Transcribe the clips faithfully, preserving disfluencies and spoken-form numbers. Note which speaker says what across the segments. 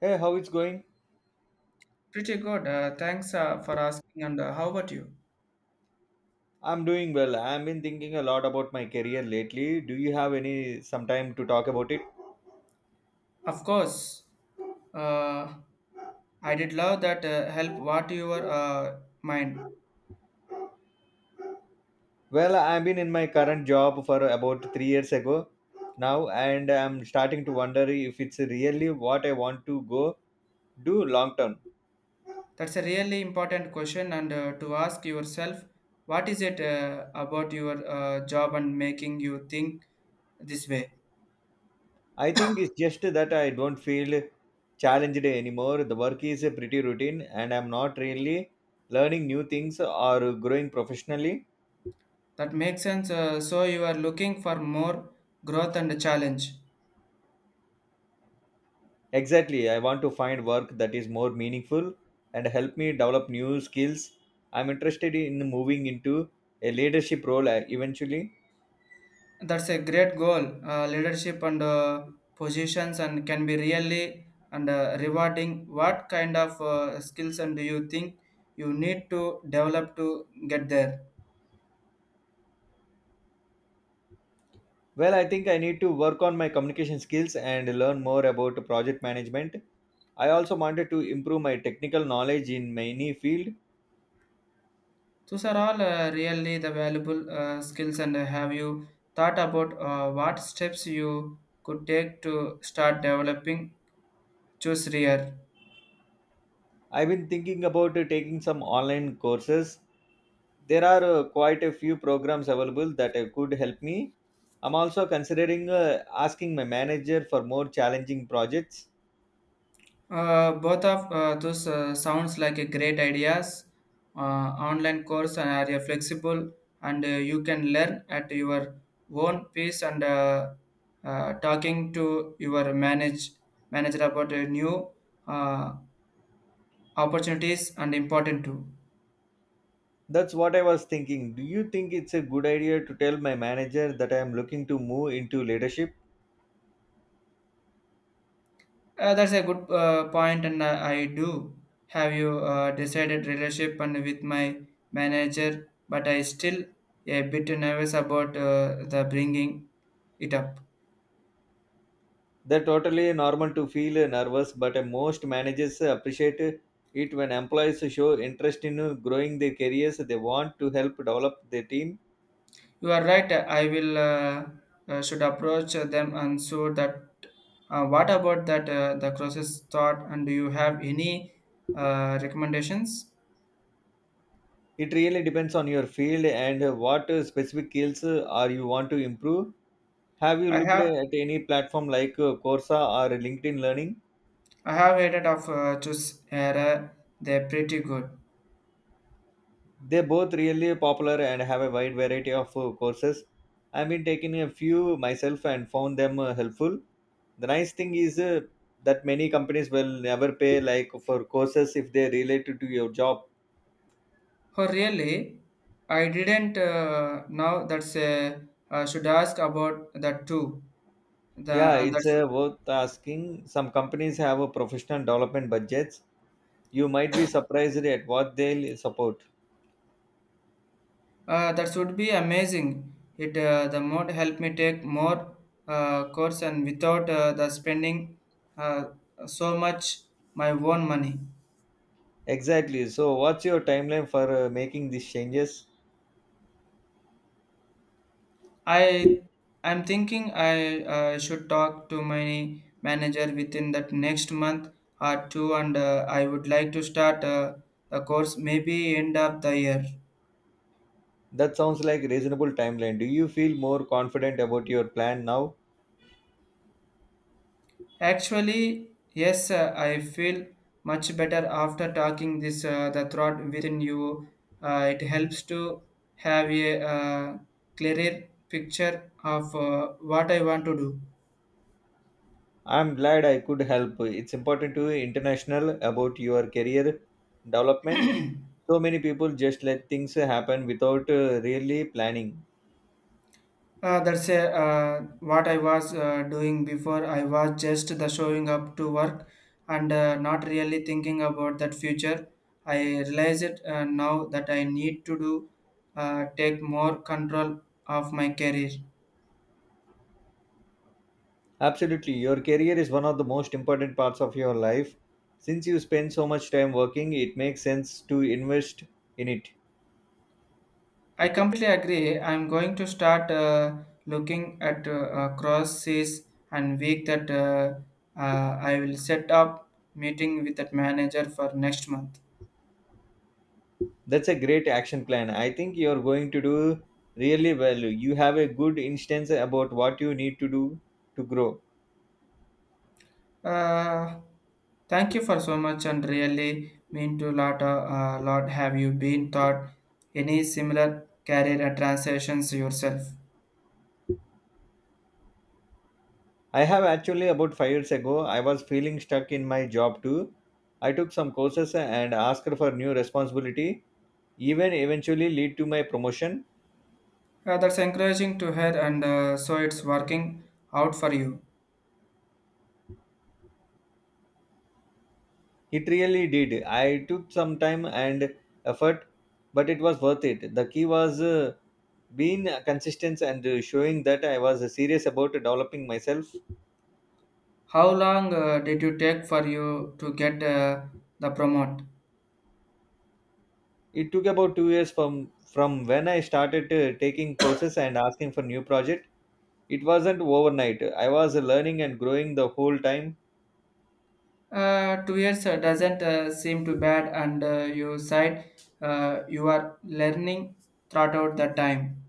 Speaker 1: Hey, how it's going?
Speaker 2: Pretty good. Uh, thanks uh, for asking. And uh, how about you?
Speaker 1: I'm doing well. I've been thinking a lot about my career lately. Do you have any some time to talk about it?
Speaker 2: Of course. Uh, I did love that uh, help. What your uh, mind?
Speaker 1: Well, I've been in my current job for about three years ago now, and I'm starting to wonder if it's really what I want to go do long term.
Speaker 2: That's a really important question, and uh, to ask yourself, what is it uh, about your uh, job and making you think this way?
Speaker 1: I think it's just that I don't feel challenged anymore. The work is pretty routine and I'm not really learning new things or growing professionally.
Speaker 2: That makes sense. Uh, so you are looking for more growth and challenge.
Speaker 1: Exactly. I want to find work that is more meaningful and help me develop new skills. I'm interested in moving into a leadership role uh, eventually.
Speaker 2: That's a great goal. Uh, leadership and uh, positions and can be really and uh, rewarding. What kind of uh, skills and do you think you need to develop to get there?
Speaker 1: Well, I think I need to work on my communication skills and learn more about project management. I also wanted to improve my technical knowledge in many fields.
Speaker 2: Those are all uh, really the valuable uh, skills. And uh, have you thought about uh, what steps you could take to start developing? Choose rear.
Speaker 1: I've been thinking about uh, taking some online courses. There are uh, quite a few programs available that uh, could help me. I'm also considering uh, asking my manager for more challenging projects.
Speaker 2: Uh, both of uh, those uh, sounds like a great ideas. Uh, Online course are uh, flexible and uh, you can learn at your own pace and uh, uh, talking to your manage manager about uh, new uh, opportunities and important too.
Speaker 1: That's what I was thinking. Do you think it's a good idea to tell my manager that I am looking to move into leadership?
Speaker 2: Uh, that's a good uh, point and uh, I do have you uh, decided relationship and with my manager, but I still a bit nervous about uh, the bringing it up.
Speaker 1: They're totally normal to feel uh, nervous, but uh, most managers uh, appreciate uh, it when employees show interest in uh, growing their careers. They want to help develop their team.
Speaker 2: You are right. I will uh, uh, should approach them and so that. Uh, what about that uh, the process thought? And do you have any uh, recommendations?
Speaker 1: It really depends on your field and uh, what uh, specific skills uh, are you want to improve. Have you
Speaker 2: I
Speaker 1: looked
Speaker 2: have
Speaker 1: at any platform like uh, Coursera or LinkedIn Learning?
Speaker 2: I have heard of uh, choose error. They're pretty good.
Speaker 1: They're both really popular and have a wide variety of uh, courses. I've been taking a few myself and found them uh, helpful. The nice thing is uh, that many companies will never pay like for courses if they related to your job.
Speaker 2: Oh really? I didn't uh, know that's uh, uh, should ask about that too. The
Speaker 1: Yeah,
Speaker 2: and
Speaker 1: it's
Speaker 2: that's.
Speaker 1: uh, worth asking. Some companies have a professional development budgets, you might be surprised at what they'll support.
Speaker 2: Uh, that would be amazing. It uh, the mode help me take more uh, course and without uh, the spending uh, so much my own money.
Speaker 1: Exactly. So, what's your timeline for uh, making these changes?
Speaker 2: I I'm thinking I uh, should talk to my manager within that next month or two, and uh, I would like to start uh, the course maybe end of the year.
Speaker 1: That sounds like a reasonable timeline. Do you feel more confident about your plan now?
Speaker 2: Actually, yes, uh, I feel much better after talking this uh, the thought within you. Uh, it helps to have a uh, clearer picture of uh, what I want to do.
Speaker 1: I'm glad I could help. It's important to be international about your career development. So many people just let things happen without uh, really planning.
Speaker 2: Uh, that's a, uh, what I was uh, doing before. I was just the showing up to work and uh, not really thinking about that future. I realize it uh, now that I need to do uh, take more control of my career.
Speaker 1: Absolutely. Your career is one of the most important parts of your life. Since you spend so much time working, it makes sense to invest in it.
Speaker 2: I completely agree. I'm going to start uh, looking at uh, uh, crosses and week that uh, uh, I will set up meeting with that manager for next month.
Speaker 1: That's a great action plan. I think you're going to do really well. You have a good instance about what you need to do to grow.
Speaker 2: Uh, Thank you for so much and really mean to lot uh, uh, lot. Have you been taught any similar career and transitions yourself?
Speaker 1: I have actually about five years ago, I was feeling stuck in my job too. I took some courses and asked for new responsibility, even eventually lead to my promotion.
Speaker 2: Uh, that's encouraging to hear, and uh, so it's working out for you.
Speaker 1: It really did. I took some time and effort, but it was worth it. The key was uh, being consistent and uh, showing that I was serious about developing myself.
Speaker 2: How long uh, did you take for you to get uh, the promote?
Speaker 1: It took about two years from from when I started uh, taking courses and asking for new project. It wasn't overnight. I was learning and growing the whole time.
Speaker 2: Uh, two years uh, doesn't uh, seem too bad, and uh, you said uh, you are learning throughout the time.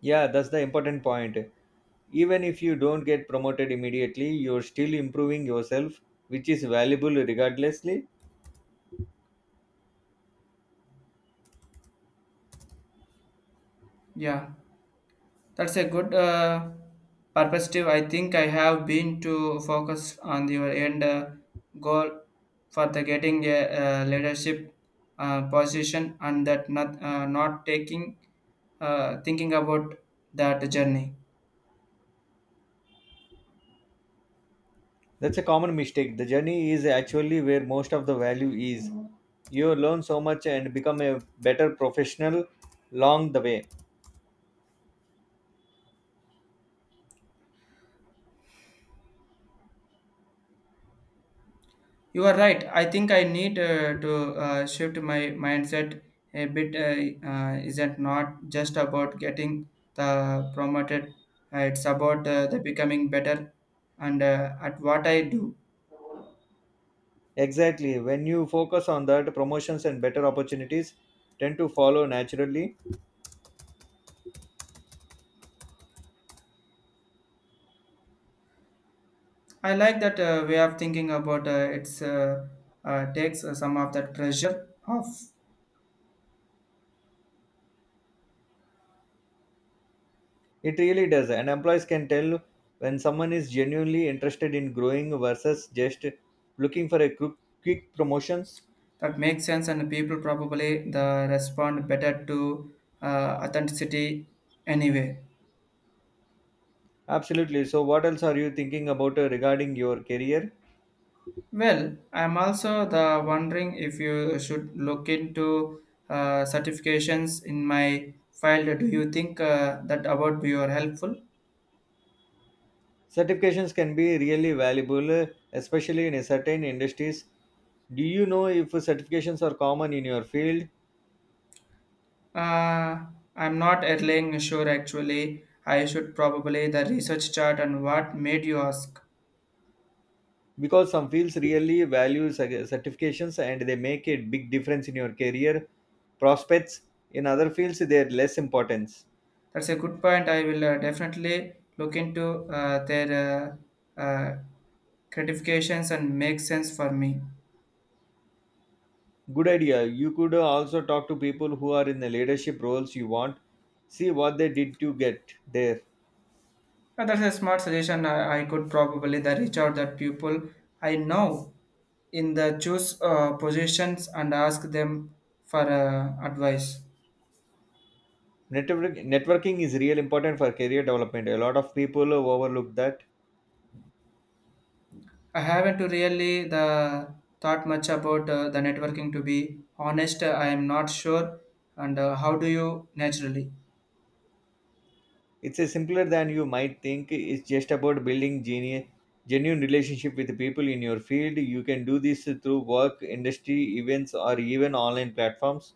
Speaker 1: Yeah, that's the important point. Even if you don't get promoted immediately, you're still improving yourself, which is valuable regardlessly.
Speaker 2: Yeah, that's a good uh, perspective. I think I have been to focus on your end uh, goal for the getting a uh, leadership uh, position, and that not uh, not taking uh, thinking about that journey.
Speaker 1: That's a common mistake. The journey is actually where most of the value is. You learn so much and become a better professional along the way.
Speaker 2: You are right. I think I need uh, to uh, shift my mindset a bit. Uh, uh, isn't not just about getting the promoted. Uh, it's about uh, the becoming better and uh, at what I do.
Speaker 1: Exactly. When you focus on that, promotions and better opportunities tend to follow naturally.
Speaker 2: I like that uh, way of thinking about uh, it's uh, uh, takes uh, some of that pressure off.
Speaker 1: It really does. And employees can tell when someone is genuinely interested in growing versus just looking for a quick, quick promotions.
Speaker 2: That makes sense, and people probably the respond better to uh, authenticity anyway.
Speaker 1: Absolutely. So, what else are you thinking about uh, regarding your career?
Speaker 2: Well, I'm also the wondering if you should look into uh, certifications in my file. Do you think uh, that about your helpful?
Speaker 1: Certifications can be really valuable, uh, especially in a certain industries. Do you know if certifications are common in your field?
Speaker 2: Uh, I'm not entirely sure actually. I should probably the research chart and what made you ask.
Speaker 1: Because some fields really value cer- certifications and they make a big difference in your career prospects. In other fields they're less importance.
Speaker 2: That's a good point. I will uh, definitely look into uh, their uh, uh, gratifications and make sense for me.
Speaker 1: Good idea. You could also talk to people who are in the leadership roles you want, see what they did to get there.
Speaker 2: Uh, that's a smart suggestion. I, I could probably the reach out that people I know in the choose uh, positions and ask them for uh, advice.
Speaker 1: Network, networking is real important for career development, a lot of people overlook that.
Speaker 2: I haven't to really the thought much about uh, the networking. To be honest, I am not sure. And uh, how do you naturally?
Speaker 1: It's a simpler than you might think. It's just about building genu- genuine relationship with the people in your field. You can do this through work, industry, events, or even online platforms.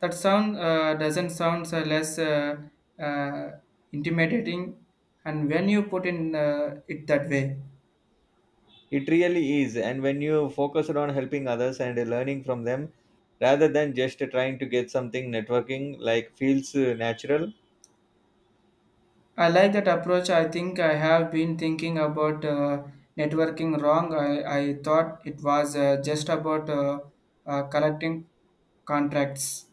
Speaker 2: That sound uh, doesn't sound uh, less uh, uh, intimidating. And when you put in uh, it that way.
Speaker 1: It really is. And when you focus on helping others and learning from them, rather than just trying to get something, networking like feels uh, natural.
Speaker 2: I like that approach. I think I have been thinking about uh, networking wrong. I, I thought it was uh, just about uh, uh, collecting contracts.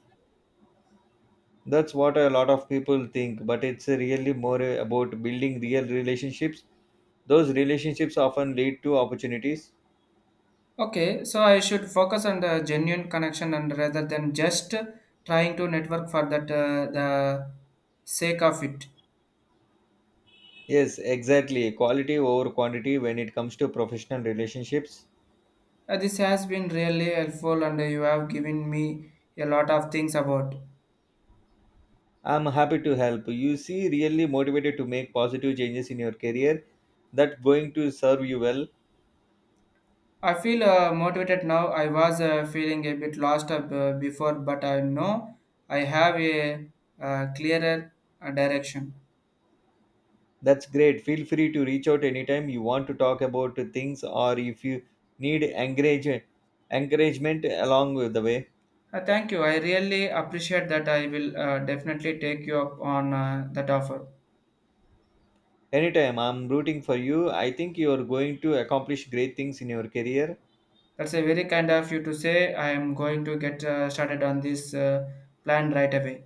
Speaker 1: That's what a lot of people think, but it's really more about building real relationships. Those relationships often lead to opportunities.
Speaker 2: Okay, so I should focus on the genuine connection and rather than just trying to network for that uh, the sake of it.
Speaker 1: Yes, exactly. Quality over quantity when it comes to professional relationships.
Speaker 2: Uh, this has been really helpful, and you have given me a lot of things about.
Speaker 1: I'm happy to help. You see, really motivated to make positive changes in your career, that's going to serve you well.
Speaker 2: I feel uh, motivated now. I was uh, feeling a bit lost uh, b- before, but I know I have a uh, clearer uh, direction.
Speaker 1: That's great. Feel free to reach out anytime you want to talk about things, or if you need encourage, encouragement along with the way.
Speaker 2: Uh, thank you. I really appreciate that. I will uh, definitely take you up on uh, that offer.
Speaker 1: Anytime, I'm rooting for you. I think you are going to accomplish great things in your career.
Speaker 2: That's a very kind of you to say. I am going to get uh, started on this uh, plan right away.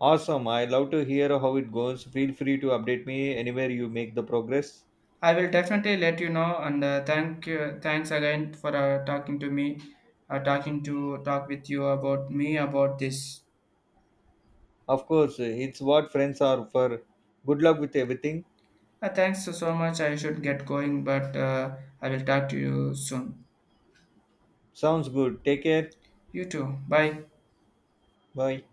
Speaker 1: Awesome. I love to hear how it goes. Feel free to update me anywhere you make the progress.
Speaker 2: I will definitely let you know. And uh, thank you. Thanks again for uh, talking to me, uh, talking to talk with you about me about this.
Speaker 1: Of course, it's what friends are for. Good luck with everything.
Speaker 2: Uh, thanks so so much. I should get going, but uh, I will talk to you soon.
Speaker 1: Sounds good. Take care.
Speaker 2: You too. Bye.
Speaker 1: Bye.